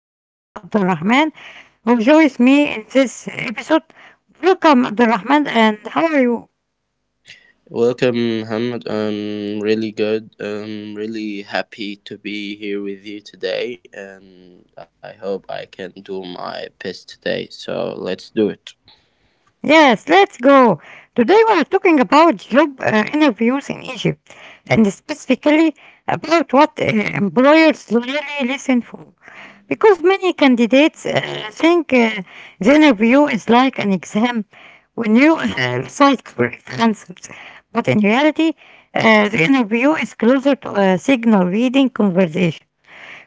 my friend Abdurrahman who joins me in this episode. Welcome Abdurrahman and how are you? Welcome, Muhammad. I'm really good. I'm really happy to be here with you today, and I hope I can do my best today. So let's do it. Yes, let's go. Today we are talking about job interviews in Egypt and specifically about what employers really listen for. Because many candidates think the interview is like an exam when you recite correct answers, but in reality, the interview is closer to a signal reading conversation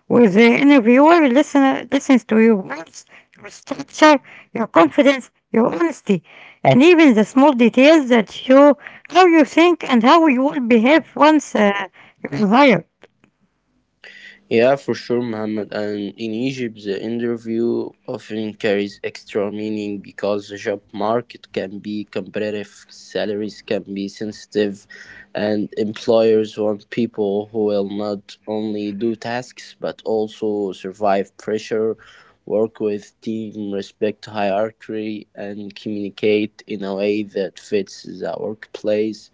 where the interviewer listens to your words, your structure, your confidence, your honesty, and even the small details that show how you think and how you will behave once you're hired. Yeah, for sure, Mohammed. And in Egypt, the interview often carries extra meaning because the job market can be competitive, salaries can be sensitive, and employers want people who will not only do tasks but also survive pressure, work with team, respect hierarchy, and communicate in a way that fits the workplace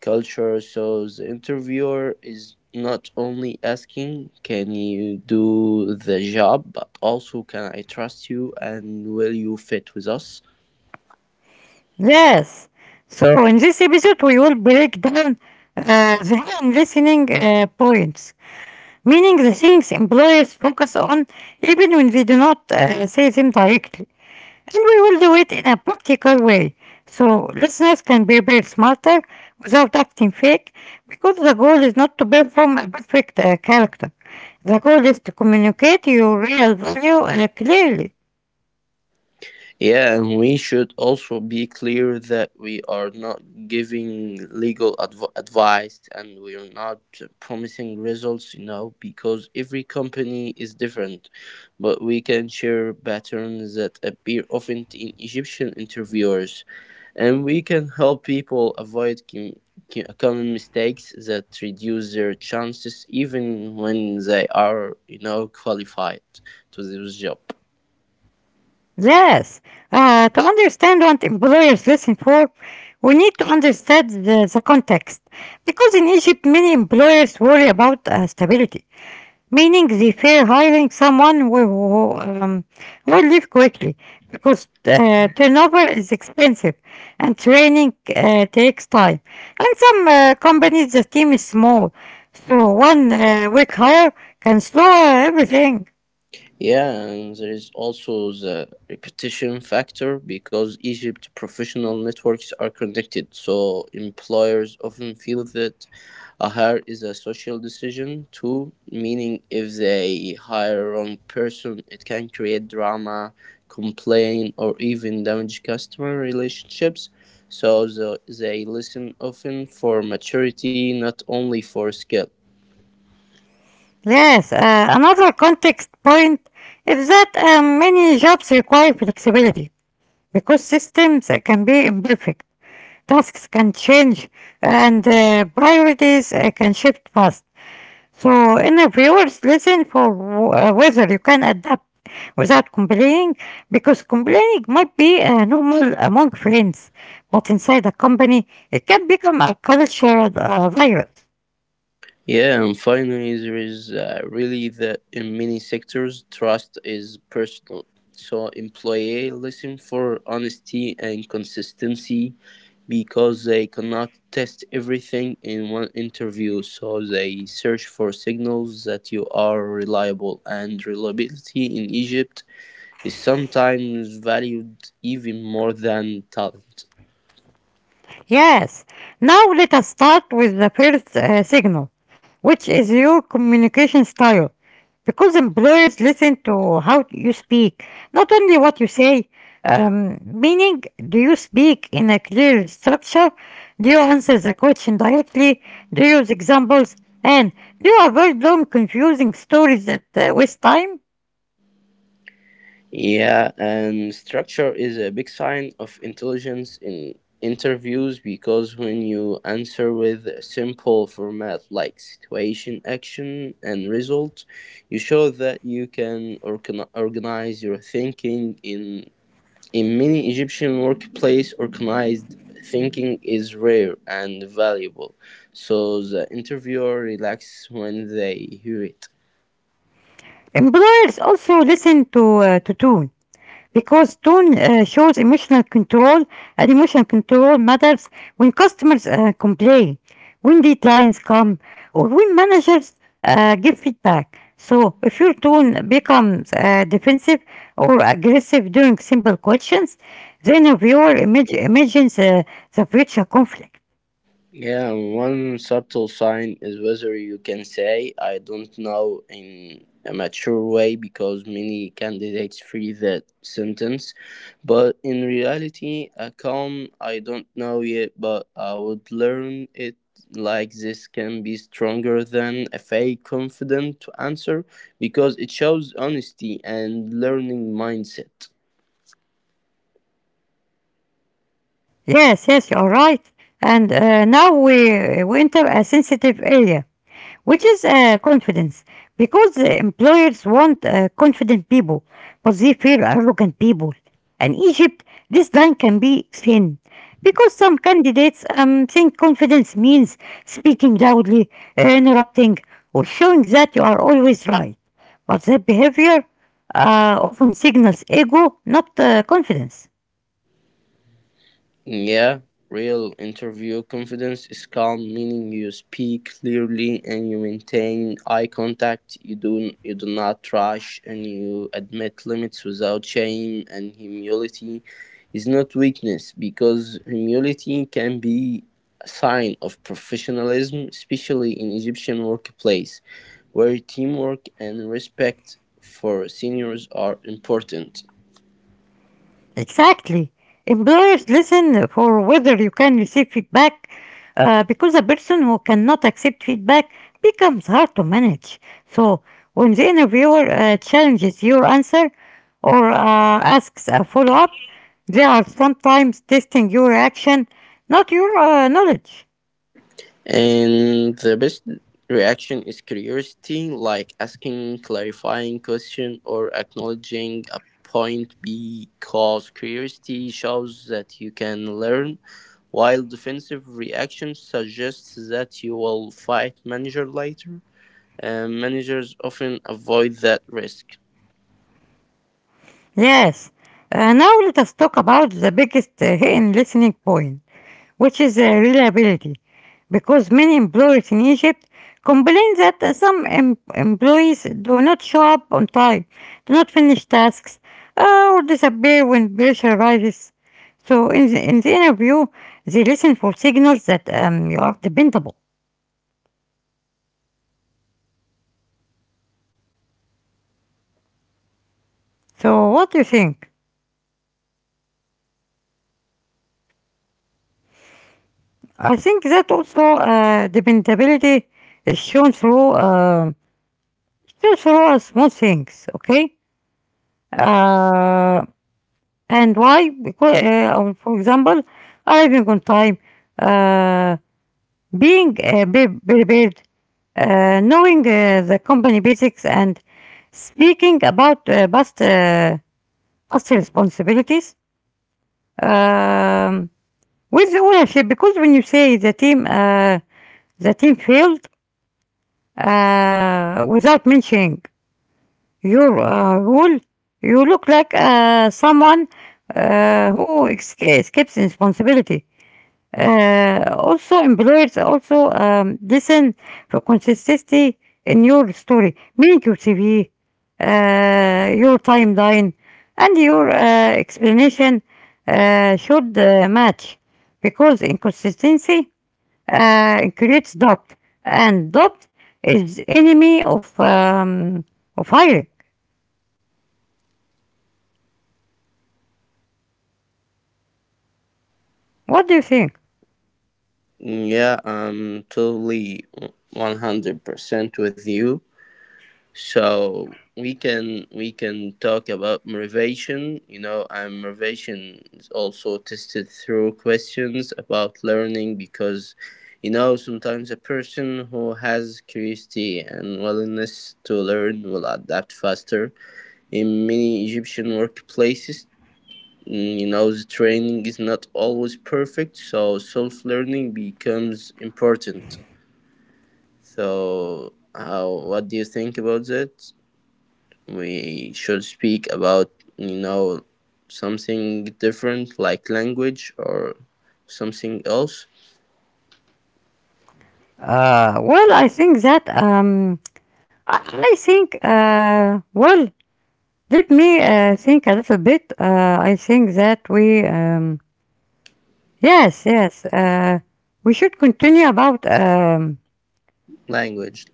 culture. So the interviewer is not only asking, can you do the job, but also, can I trust you and will you fit with us? Yes. So in this episode, we will break down the hidden listening points, meaning the things employers focus on even when they do not say them directly. And we will do it in a practical way so listeners can prepare smarter without acting fake because the goal is not to perform a perfect character. The goal is to communicate your real value clearly. Yeah, and we should also be clear that we are not giving legal advice, and we are not promising results, you know, because every company is different. But we can share patterns that appear often in Egyptian interviewers, and we can help people avoid common mistakes that reduce their chances even when they are, you know, qualified to this job. Yes, to understand what employers listen for, we need to understand the context. Because in Egypt, many employers worry about stability, meaning they fear hiring someone who will leave quickly, because turnover is expensive and training takes time. And some companies, the team is small, so one weak hire can slow everything. Yeah, and there is also the repetition factor because Egypt professional networks are connected, so employers often feel that a hire is a social decision too, meaning if they hire wrong person, it can create drama, complain, or even damage customer relationships. So they listen often for maturity, not only for skill. Yes, another context point is that many jobs require flexibility because systems can be imperfect, tasks can change, and priorities can shift fast. So, interviewers listen for whether you can adapt without complaining because complaining might be normal among friends, but inside a company, it can become a cultural virus. Yeah, and finally, there is really that in many sectors, trust is personal. So employee listen for honesty and consistency because they cannot test everything in one interview. So they search for signals that you are reliable, and reliability in Egypt is sometimes valued even more than talent. Yes, now let us start with the first signal, which is your communication style. Because employers listen to how you speak, not only what you say, meaning, do you speak in a clear structure? Do you answer the question directly? Do you use examples? And do you avoid long, confusing stories that waste time? Yeah, and structure is a big sign of intelligence in interviews because when you answer with a simple format like situation, action, and result, you show that you can organize your thinking. In many Egyptian workplace, organized thinking is rare and valuable, so the interviewer relaxes when they hear it. Employers also listen to tone. Because tone shows emotional control and emotion control matters when customers complain, when deadlines come, or when managers give feedback. So if your tone becomes defensive or aggressive during simple questions, then a viewer imagines the future conflict. Yeah, one subtle sign is whether you can say, I don't know, in a mature way, because many candidates free that sentence. But in reality, a calm, I don't know yet, but I would learn it like this can be stronger than a fake confident answer because it shows honesty and learning mindset. Yes, yes, you're right. And now we enter a sensitive area which is confidence, because employers want confident people but they fear arrogant people. And Egypt this line can be thin because some candidates think confidence means speaking loudly, interrupting, or showing that you are always right, but that behavior often signals ego, not confidence. Yeah, real interview confidence is calm, meaning you speak clearly and you maintain eye contact. You do not rush, and you admit limits without shame. And humility is not weakness because humility can be a sign of professionalism, especially in Egyptian workplace, where teamwork and respect for seniors are important. Exactly. Employers listen for whether you can receive feedback, because a person who cannot accept feedback becomes hard to manage. So, when the interviewer challenges your answer or asks a follow up, they are sometimes testing your action, not your knowledge. And the best reaction is curiosity, like asking clarifying question or acknowledging a point because curiosity shows that you can learn, while defensive reaction suggests that you will fight manager later. Managers often avoid that risk. Yes, now let us talk about the biggest hidden listening point, which is reliability, because many employers in Egypt complain that some employees do not show up on time, do not finish tasks, or disappear when pressure rises. So in the interview, they listen for signals that you are dependable. So what do you think? I think that also dependability is shown through just raw small things, okay? Uh, and why? Because, for example, arriving on time, uh, being prepared, knowing the company basics, and speaking about past responsibilities, um, with the ownership. Because when you say the team failed without mentioning your role, you look like someone who escapes responsibility. Also, employers also listen for consistency in your story, meaning your CV, your timeline, and your explanation should match, because inconsistency creates doubt, and doubt is enemy of hiring. What do you think? Yeah, I'm totally 100% with you. So we can talk about motivation. You know, and motivation is also tested through questions about learning because, you know, sometimes a person who has curiosity and willingness to learn will adapt faster. In many Egyptian workplaces, you know, the training is not always perfect, so self-learning becomes important. So, what do you think about that? We should speak about, you know, something different like language or something else. Well, I think that I I think well, let me think a little bit. I think that we yes, yes, we should continue about Language.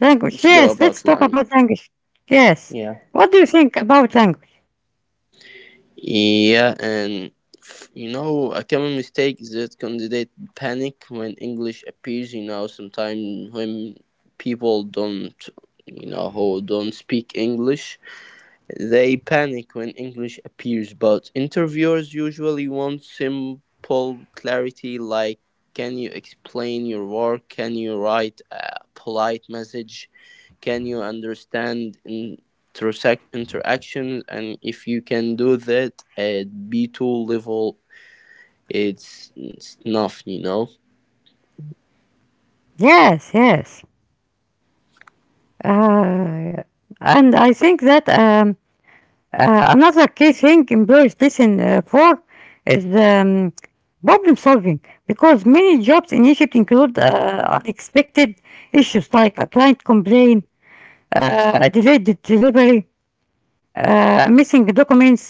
language. Let's go Yes, let's about talk language. about language. Yes, yeah what do you think about language? yeah and you know, a common mistake is that candidate panic when English appears, you know, sometimes when people don't you know, who don't speak English. They panic when English appears, but interviewers usually want simple clarity like, can you explain your work? Can you write a polite message? Can you understand intersect interactions? And if you can do that at B2 level, it's enough, you know? Yes, yes, uh, and I think that another key thing employers listen for is problem solving, because many jobs in Egypt include unexpected issues like a client complaint, a delayed delivery, missing documents,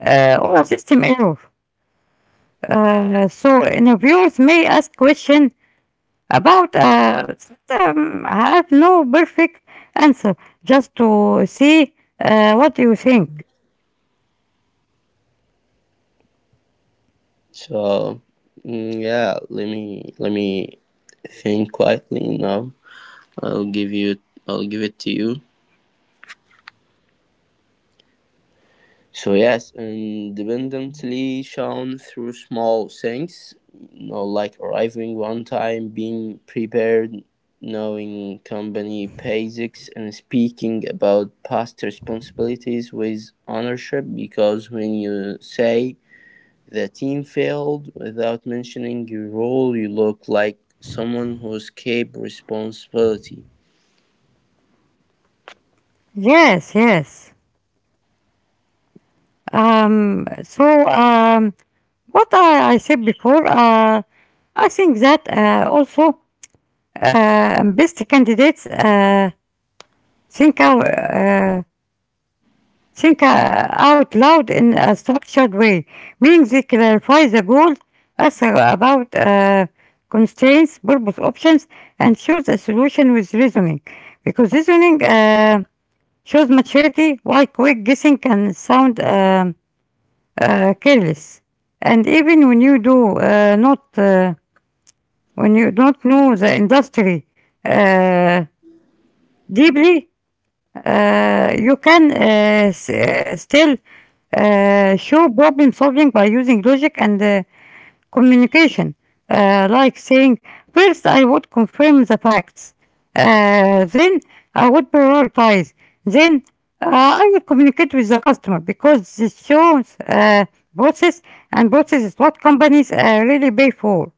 or a system error. So interviewers may ask questions about have no perfect answer just to see what you think. So, yeah, let me think quietly now. I'll give you, I'll give it to you. So yes, independently shown through small things, you know, like arriving one time, being prepared, knowing company basics, and speaking about past responsibilities with ownership. Because when you say the team failed without mentioning your role, you look like someone who escaped responsibility. Yes, yes. So, what I said before, I think that also best candidates think out, uh, think out loud in a structured way, meaning they clarify the goal, also about constraints, purpose, options, and choose a solution with reasoning, because reasoning shows maturity, while quick guessing can sound careless. And even when you do not, when you don't know the industry uh, deeply, you can still show problem solving by using logic and communication, like saying, first I would confirm the facts, then I would prioritize, then I would communicate with the customer, because this shows process, and process is what companies really pay for.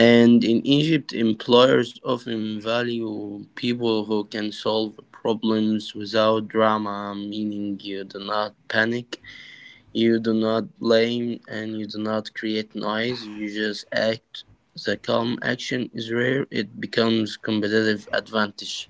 And in Egypt, employers often value people who can solve problems without drama, meaning you do not panic, you do not blame, and you do not create noise, you just act. The calm action is rare, it becomes competitive advantage.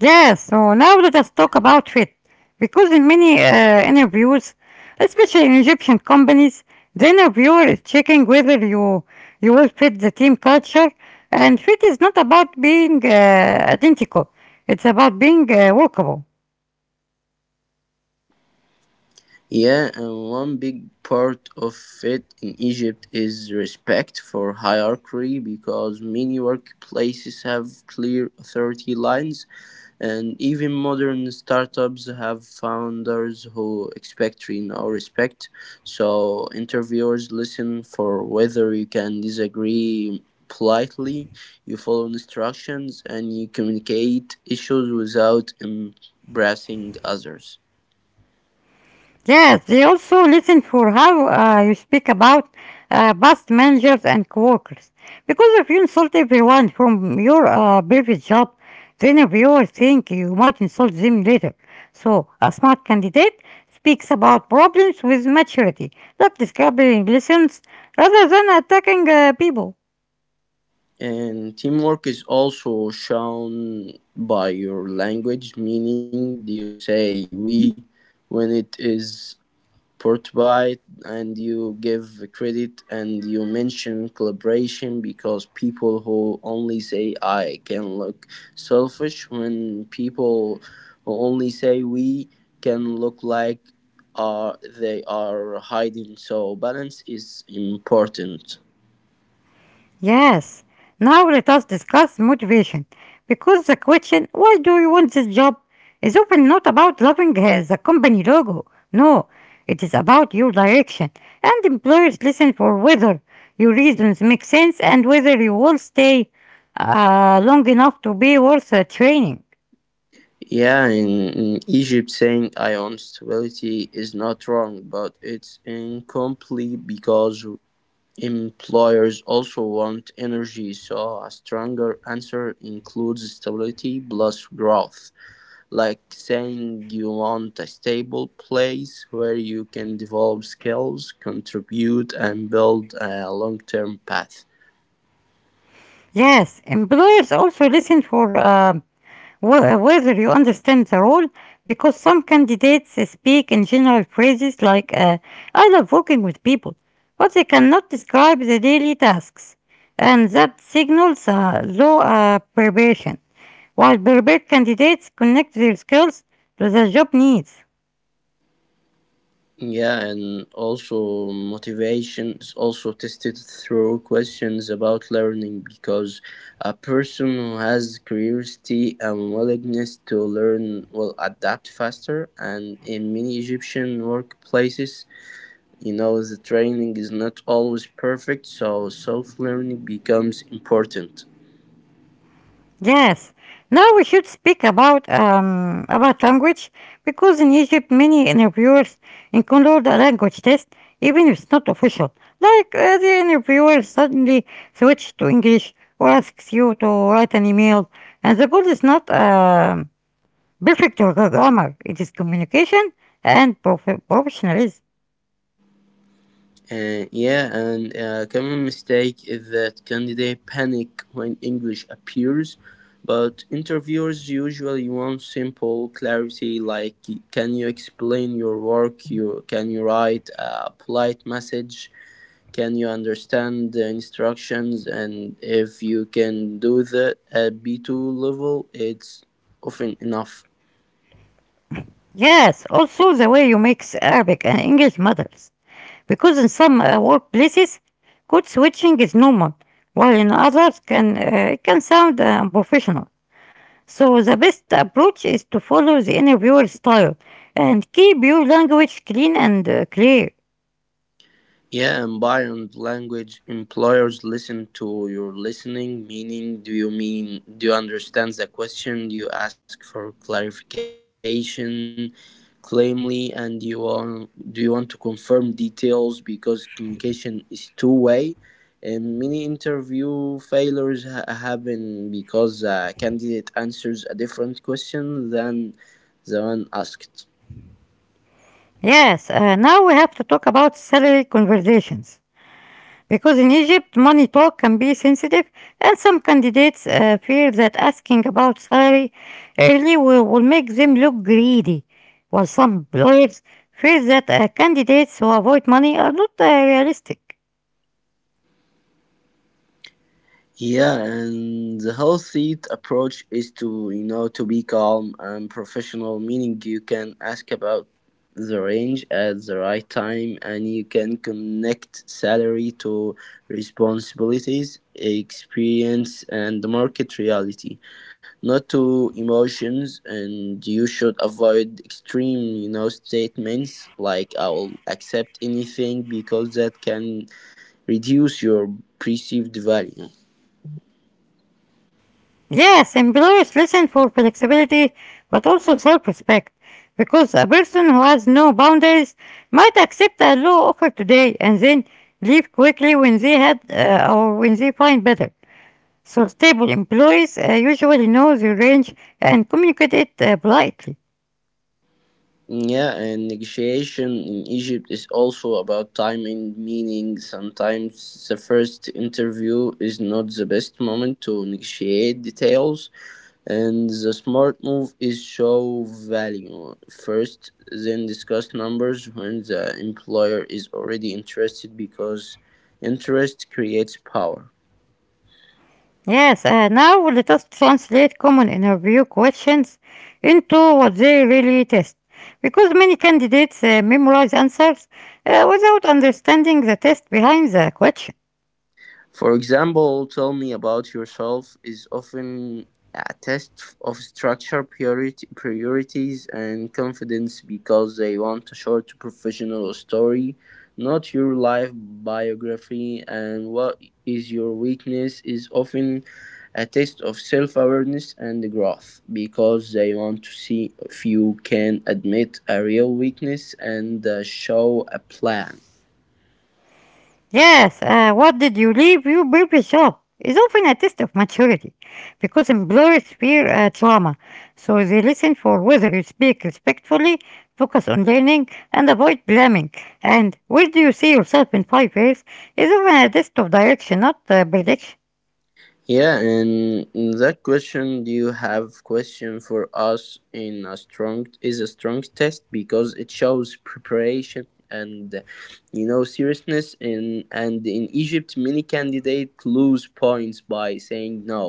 Yes. So now let us talk about fit. Because in many interviews, especially in Egyptian companies, the interviewer is checking whether you will fit the team culture, and fit is not about being identical. It's about being workable. Yeah, and one big part of it in Egypt is respect for hierarchy because many workplaces have clear authority lines, and even modern startups have founders who expect, you know, respect. So interviewers listen for whether you can disagree politely, you follow instructions, and you communicate issues without embarrassing others. Yes, they also listen for how you speak about past managers and coworkers. Because if you insult everyone from your previous job, the interviewer think you might insult them later. So a smart candidate speaks about problems with maturity, like describing lessons rather than attacking people. And teamwork is also shown by your language, meaning you say we when it is portrayed, and you give credit and you mention collaboration because people who only say I can look selfish, when people who only say we can look like they are hiding. So, balance is important. Yes, now let us discuss motivation. Because the question, why do you want this job, is often not about loving the company logo. No, it is about your direction. And employers listen for whether your reasons make sense and whether you will stay long enough to be worth training. Yeah, in Egypt, saying I own stability is not wrong, but it's incomplete because employers also want energy. So, a stronger answer includes stability plus growth, like saying you want a stable place where you can develop skills, contribute, and build a long term path. Yes, employers also listen for whether you understand the role, because some candidates speak in general phrases like, I love working with people, but they cannot describe the daily tasks, and that signals low preparation, while prepared candidates connect their skills to the job needs. Yeah, and also motivation is also tested through questions about learning because a person who has curiosity and willingness to learn will adapt faster. And in many Egyptian workplaces, you know, the training is not always perfect, so self learning becomes important. Yes. Now we should speak about language, because in Egypt many interviewers include a language test even if it's not official. Like the interviewer suddenly switches to English or asks you to write an email, and the goal is not perfect grammar; it is communication and professionalism. Yeah, and a common mistake is that candidates panic when English appears, but interviewers usually want simple clarity like, can you explain your work, you can you write a polite message, can you understand the instructions. And if you can do that at B2 level, it's often enough. Yes, also the way you mix Arabic and English matters. Because in some workplaces, code switching is normal, while in others it can sound unprofessional. So the best approach is to follow the interviewer style and keep your language clean and clear. Yeah, and environment language employers listen to your listening, meaning do you understand the question? Do you ask for clarification claimly, and do you want to confirm details because communication is two way, and many interview failures happen because a candidate answers a different question than the one asked. Yes, now we have to talk about salary conversations. Because in Egypt, money talk can be sensitive, and some candidates fear that asking about salary early will make them look greedy, while some lawyers fear that candidates who avoid money are not realistic. Yeah, and the whole seat approach is to, you know, to be calm and professional, meaning you can ask about the range at the right time, and you can connect salary to responsibilities, experience, and the market reality, not to emotions. And you should avoid extreme, you know, statements like "I will accept anything" because that can reduce your perceived value. Yes, employers listen for flexibility, but also self respect, because a person who has no boundaries might accept a low offer today and then leave quickly when they had or when they find better. So stable employees usually know their range and communicate it politely. Yeah, and negotiation in Egypt is also about timing, meaning sometimes the first interview is not the best moment to negotiate details, and the smart move is show value first, then discuss numbers when the employer is already interested because interest creates power. Yes, now let us translate common interview questions into what they really test. Because many candidates memorize answers without understanding the test behind the question. For example, "Tell me about yourself" is often a test of structure, priorities, and confidence because they want a short professional story, not your life biography. And what is your weakness is often a test of self awareness and growth because they want to see if you can admit a real weakness and show a plan. Yes, what did you leave? You baby shop is often a test of maturity because employers fear trauma, so they listen for whether you speak respectfully, focus on learning, and avoid blaming. And where do you see yourself in 5 years is often a test of direction, not prediction. Yeah, and that question, do you have question for us in a strong is a strong test because it shows preparation and you know seriousness in and in Egypt many candidates lose points by saying no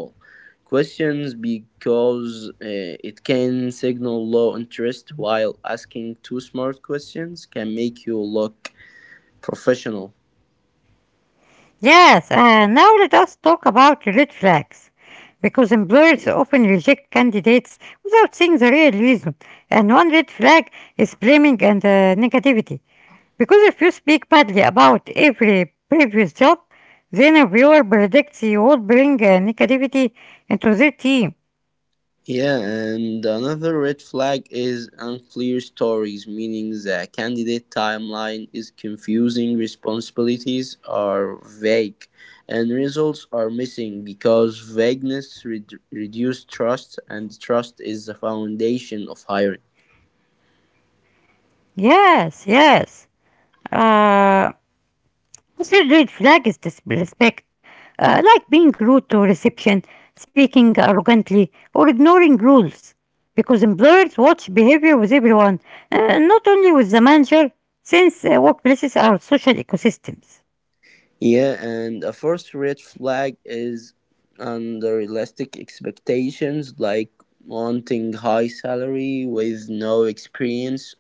questions because it can signal low interest while asking two smart questions can make you look professional. Yes, now let us talk about red flags. Because employers often reject candidates without seeing the real reason. And one red flag is blaming and negativity. Because if you speak badly about every previous job, then a viewer predicts you will bring negativity into their team. Yeah, and another red flag is unclear stories, meaning the candidate timeline is confusing, responsibilities are vague, and results are missing because vagueness reduce trust, and trust is the foundation of hiring. Yes, yes. Uh, This red flag is disrespect, like being rude to reception, speaking arrogantly, or ignoring rules. Because employers watch behavior with everyone, not only with the manager, since workplaces are social ecosystems. Yeah, and a first red flag is unrealistic expectations, like wanting high salary with no experience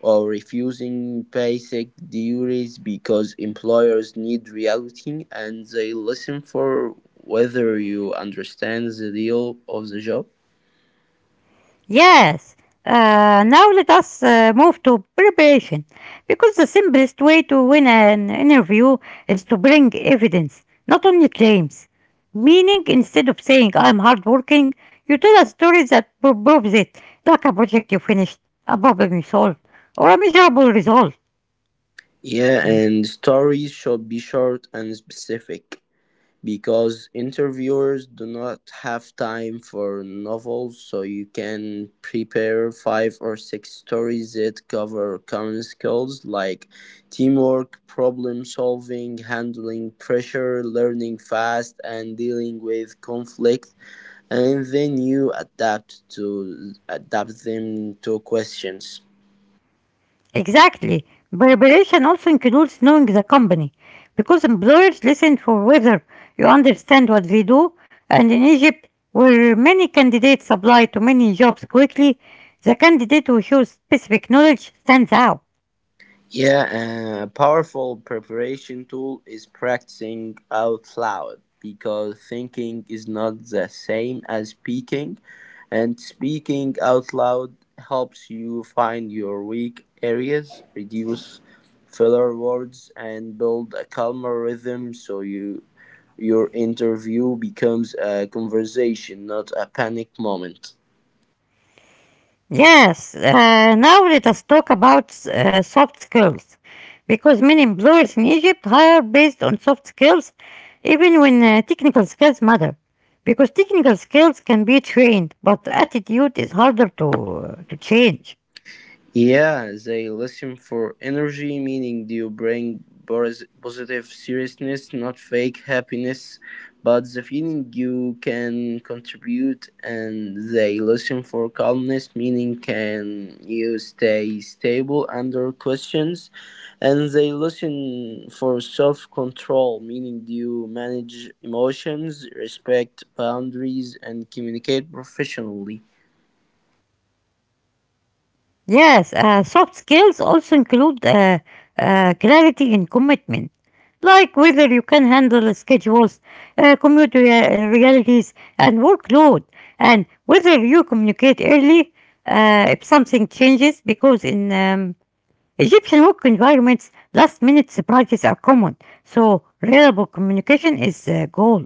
or refusing basic duties because employers need reality and they listen for whether you understand the deal of the job. Yes. Now let us move to preparation, because the simplest way to win an interview is to bring evidence, not only claims. Meaning, instead of saying I'm hardworking, you tell a story that proves it, like a project you finished, a problem you solved, or a measurable result. Yeah, and stories should be short and specific, because interviewers do not have time for novels, so you can prepare five or six stories that cover common skills like teamwork problem solving handling pressure learning fast and dealing with conflict, and then you adapt them to questions. Exactly. Preparation also includes knowing the company, because employers listen for whether you understand what they do, and in Egypt, where many candidates apply to many jobs quickly, the candidate who shows specific knowledge stands out. Yeah, a powerful preparation tool is practicing out loud because thinking is not the same as speaking, and speaking out loud helps you find your weak areas, reduce filler words, and build a calmer rhythm, so your interview becomes a conversation, not a panic moment. Yes, now let us talk about soft skills. Because many employers in Egypt hire based on soft skills, even when technical skills matter. Because technical skills can be trained, but attitude is harder to change. Yeah, they listen for energy, meaning you bring positive seriousness, not fake happiness, but the feeling you can contribute. And they listen for calmness, meaning can you stay stable under questions. And they listen for self control, meaning you manage emotions, respect boundaries, and communicate professionally. Yes, soft skills also include clarity and commitment, like whether you can handle schedules, commute realities, and workload, and whether you communicate early if something changes, because in Egyptian work environments, last minute surprises are common, so reliable communication is the goal.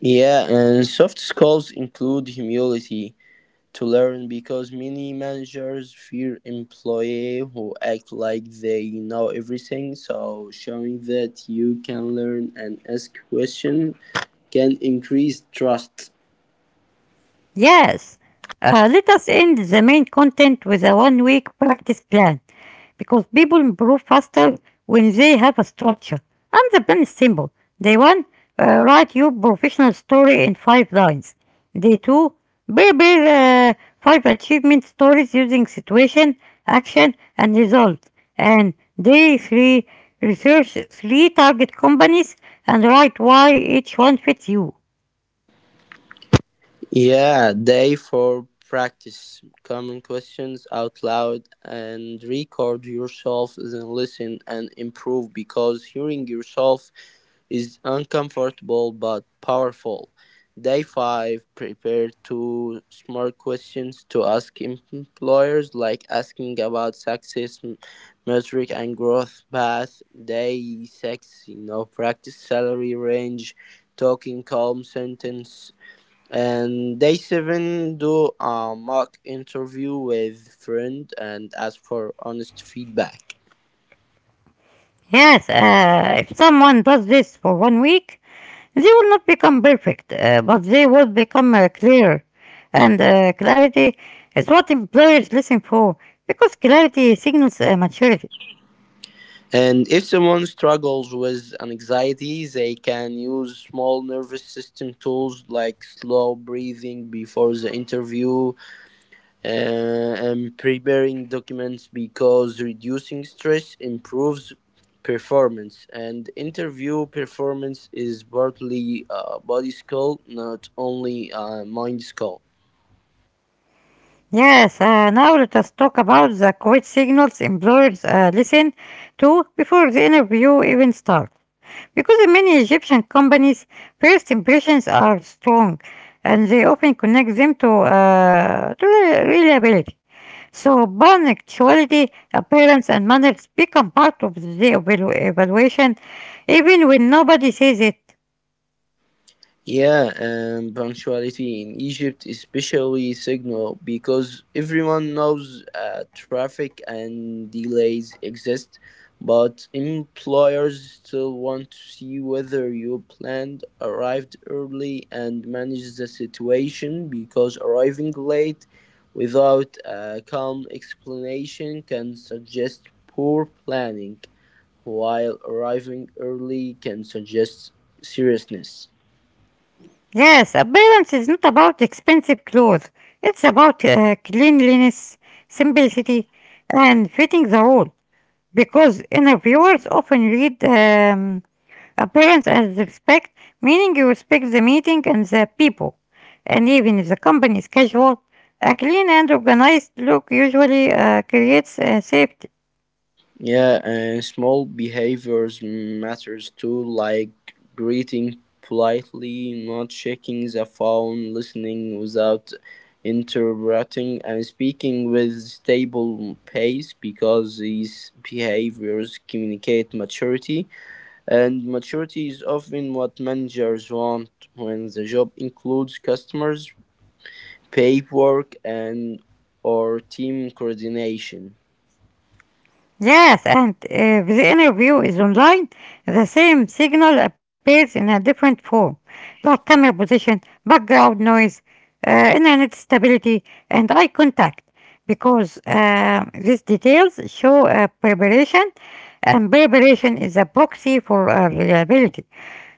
Yeah, and soft skills include humility to learn because many managers fear employees who act like they know everything. So, showing that you can learn and ask questions can increase trust. Yes, let us end the main content with a 1 week practice plan because people improve faster when they have a structure. And the plan is simple. Day one, write your professional story in 5 lines. Day two, prepare 5 achievement stories using situation, action, and result. And day three, research 3 target companies and write why each one fits you. Yeah, day for practice. Common questions out loud and record yourself and listen and improve because hearing yourself is uncomfortable but powerful. Day 5. Prepare two smart questions to ask employers, like asking about success metric and growth path. Day 6. Practice salary range, talking calm sentence. And day 7. Do a mock interview with friend and ask for honest feedback. Yes, if someone does this for 1 week, they will not become perfect, but they will become clear. And clarity is what employers listen for, because clarity signals maturity. And if someone struggles with anxiety, they can use small nervous system tools like slow breathing before the interview uh, and preparing documents because reducing stress improves performance. And interview performance is partly a body skill, not only a mind skill. Yes, now let us talk about the quit signals employers listen to before the interview even starts. Because in many Egyptian companies, first impressions are strong, and they often connect them to reliability. So, Urban sexuality, appearance, and manners become part of the evaluation even when nobody says it. Yeah, and punctuality in Egypt is especially signal because everyone knows traffic and delays exist, but employers still want to see whether you planned, arrived early, and managed the situation because arriving late without a calm explanation can suggest poor planning, while arriving early can suggest seriousness. Yes, appearance is not about expensive clothes, it's about cleanliness, simplicity, and fitting the role. Because interviewers often read appearance as respect, meaning you respect the meeting and the people. And even if the company is casual, a clean and organized look usually creates safety. Yeah, and small behaviors matters too, like greeting politely, not checking the phone, listening without interrupting, and speaking with stable pace because these behaviors communicate maturity. And maturity is often what managers want when the job includes customers, paperwork, and or team coordination. Yes, and if the interview is online, the same signal appears in a different form, like camera position, background noise, internet stability, and eye contact, because these details show preparation, and preparation is a proxy for reliability.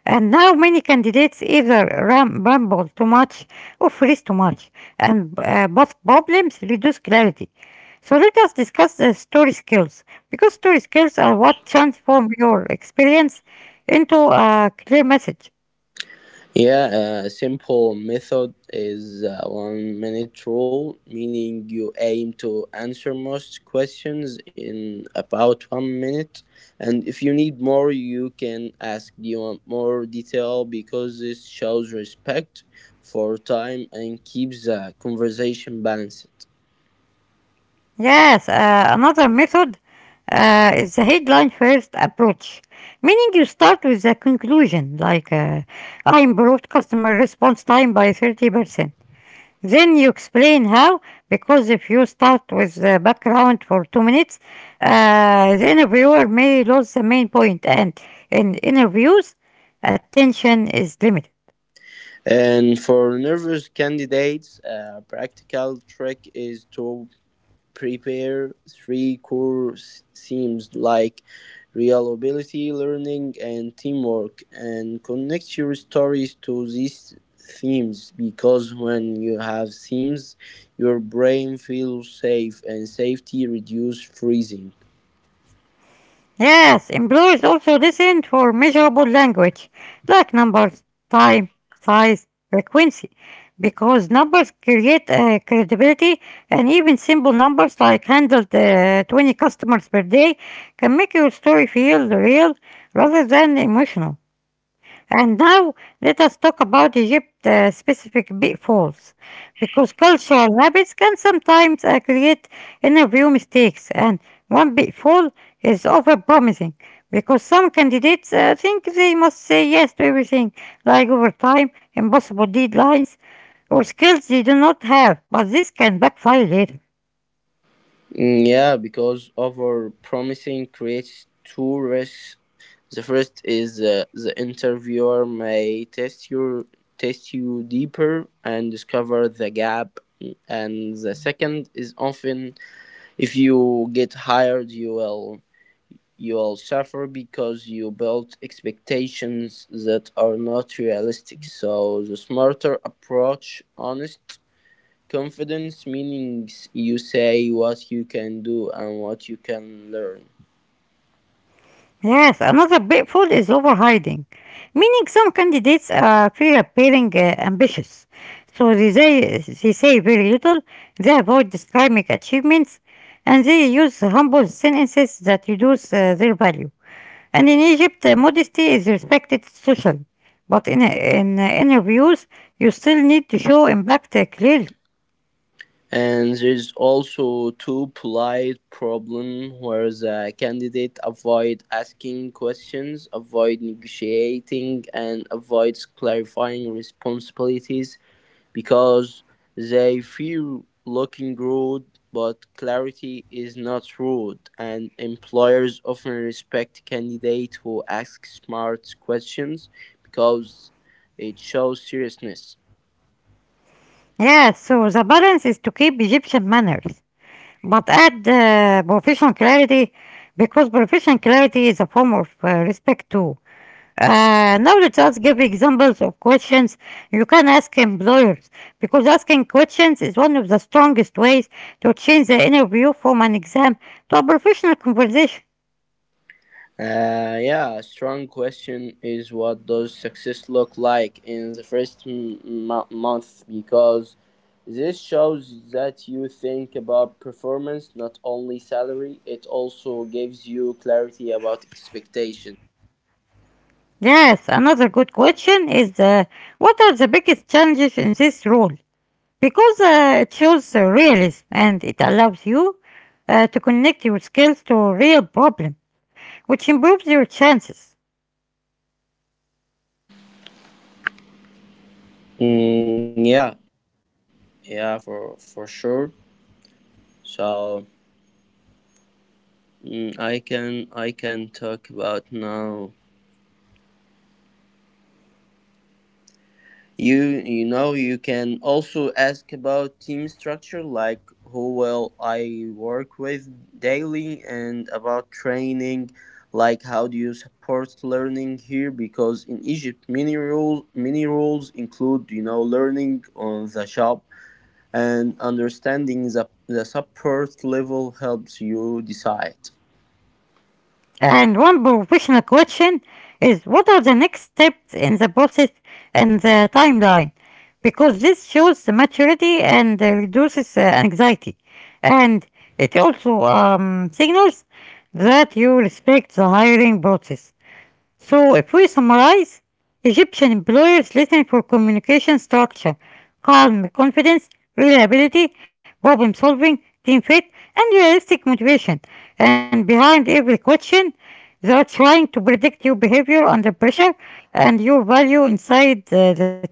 And now many candidates either ramble too much or freeze too much, and both problems reduce clarity. So let us discuss the story skills because story skills are what transform your experience into a clear message. Yeah, a simple method is a one minute rule, meaning you aim to answer most questions in about one minute. And if you need more, you can ask, do you want more detail? Because this shows respect for time and keeps the conversation balanced. Yes, another method is the headline first approach, meaning you start with the conclusion, like I improved customer response time by 30%. Then you explain how, because if you start with the background for 2 minutes, the interviewer may lose the main point, and in interviews, attention is limited. And for nervous candidates, a practical trick is to prepare three core themes like reliability, learning, and teamwork, and connect your stories to these themes because when you have themes, your brain feels safe and safety reduces freezing. Yes, employees also listen for measurable language, like numbers, time, size, frequency, because numbers create credibility, and even simple numbers like handled 20 customers per day can make your story feel real rather than emotional. And now let us talk about Egypt specific pitfalls because cultural habits can sometimes create interview mistakes, and one pitfall is overpromising because some candidates think they must say yes to everything like overtime, impossible deadlines or skills they do not have, but this can backfire later. Mm, yeah, because over promising creates two risks. The first is that the interviewer may test you deeper and discover the gap, and the second is often if you get hired, you will suffer because you built expectations that are not realistic, so the smarter approach, honest confidence, meaning you say what you can do and what you can learn. Yes, another pitfall is overhiding, meaning some candidates appearing ambitious. So they say very little, they avoid describing achievements, and they use humble sentences that reduce their value. And in Egypt, modesty is respected socially, but in interviews, you still need to show impact clearly. And there's also two polite problem where the candidate avoid asking questions, avoid negotiating, and avoids clarifying responsibilities because they fear looking rude, but clarity is not rude, and employers often respect candidate who ask smart questions because it shows seriousness. Yes, so the balance is to keep Egyptian manners but add profession clarity because professional clarity is a form of respect too. Now let us give examples of questions you can ask employers because asking questions is one of the strongest ways to change the interview from an exam to a professional conversation. Yeah, a strong question is, what does success look like in the first month? Because this shows that you think about performance, not only salary. It also gives you clarity about expectations. Yes, another good question is, what are the biggest challenges in this role? Because it shows realism and it allows you to connect your skills to real problems which improves your chances. Mm, yeah, yeah, for sure. So, I can talk about now. You you know, you can also ask about team structure, like who will I work with daily, and about training, like how do you support learning here, because in Egypt many rules include learning on the job, and understanding the support level helps you decide. And one professional question is, what are the next steps in the process and the timeline? Because this shows the maturity and reduces anxiety. And it also signals that you respect the hiring process. So, if we summarize, Egyptian employers listen for communication structure, calm confidence, reliability, problem solving, team fit, and realistic motivation. And behind every question, they are trying to predict your behavior under pressure and your value inside the team.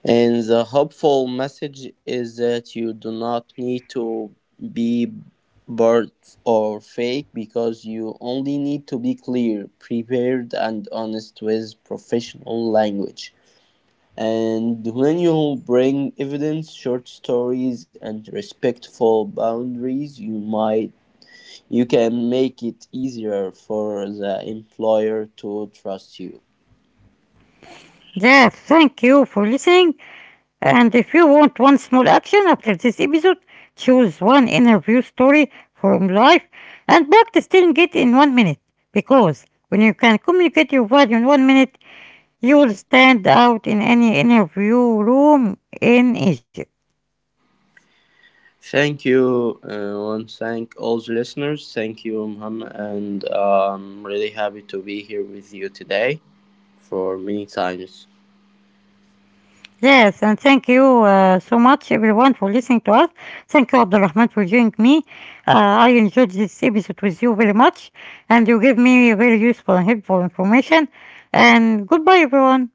And the hopeful message is that you do not need to be bored or fake because you only need to be clear, prepared, and honest with professional language. And when you bring evidence, short stories, and respectful boundaries, you can make it easier for the employer to trust you. There, thank you for listening. And if you want one small action after this episode, choose one interview story from life and practice telling it in 1 minute. Because when you can communicate your value in 1 minute, you will stand out in any interview room in Egypt. Thank you. Want thank all the listeners. Thank you, Muhammad, and I'm really happy to be here with you today for many times. Yes, and thank you so much, everyone, for listening to us. Thank you, Abdulrahman, for joining me. I enjoyed this episode with you very much, and you gave me very useful and helpful information. And goodbye, everyone.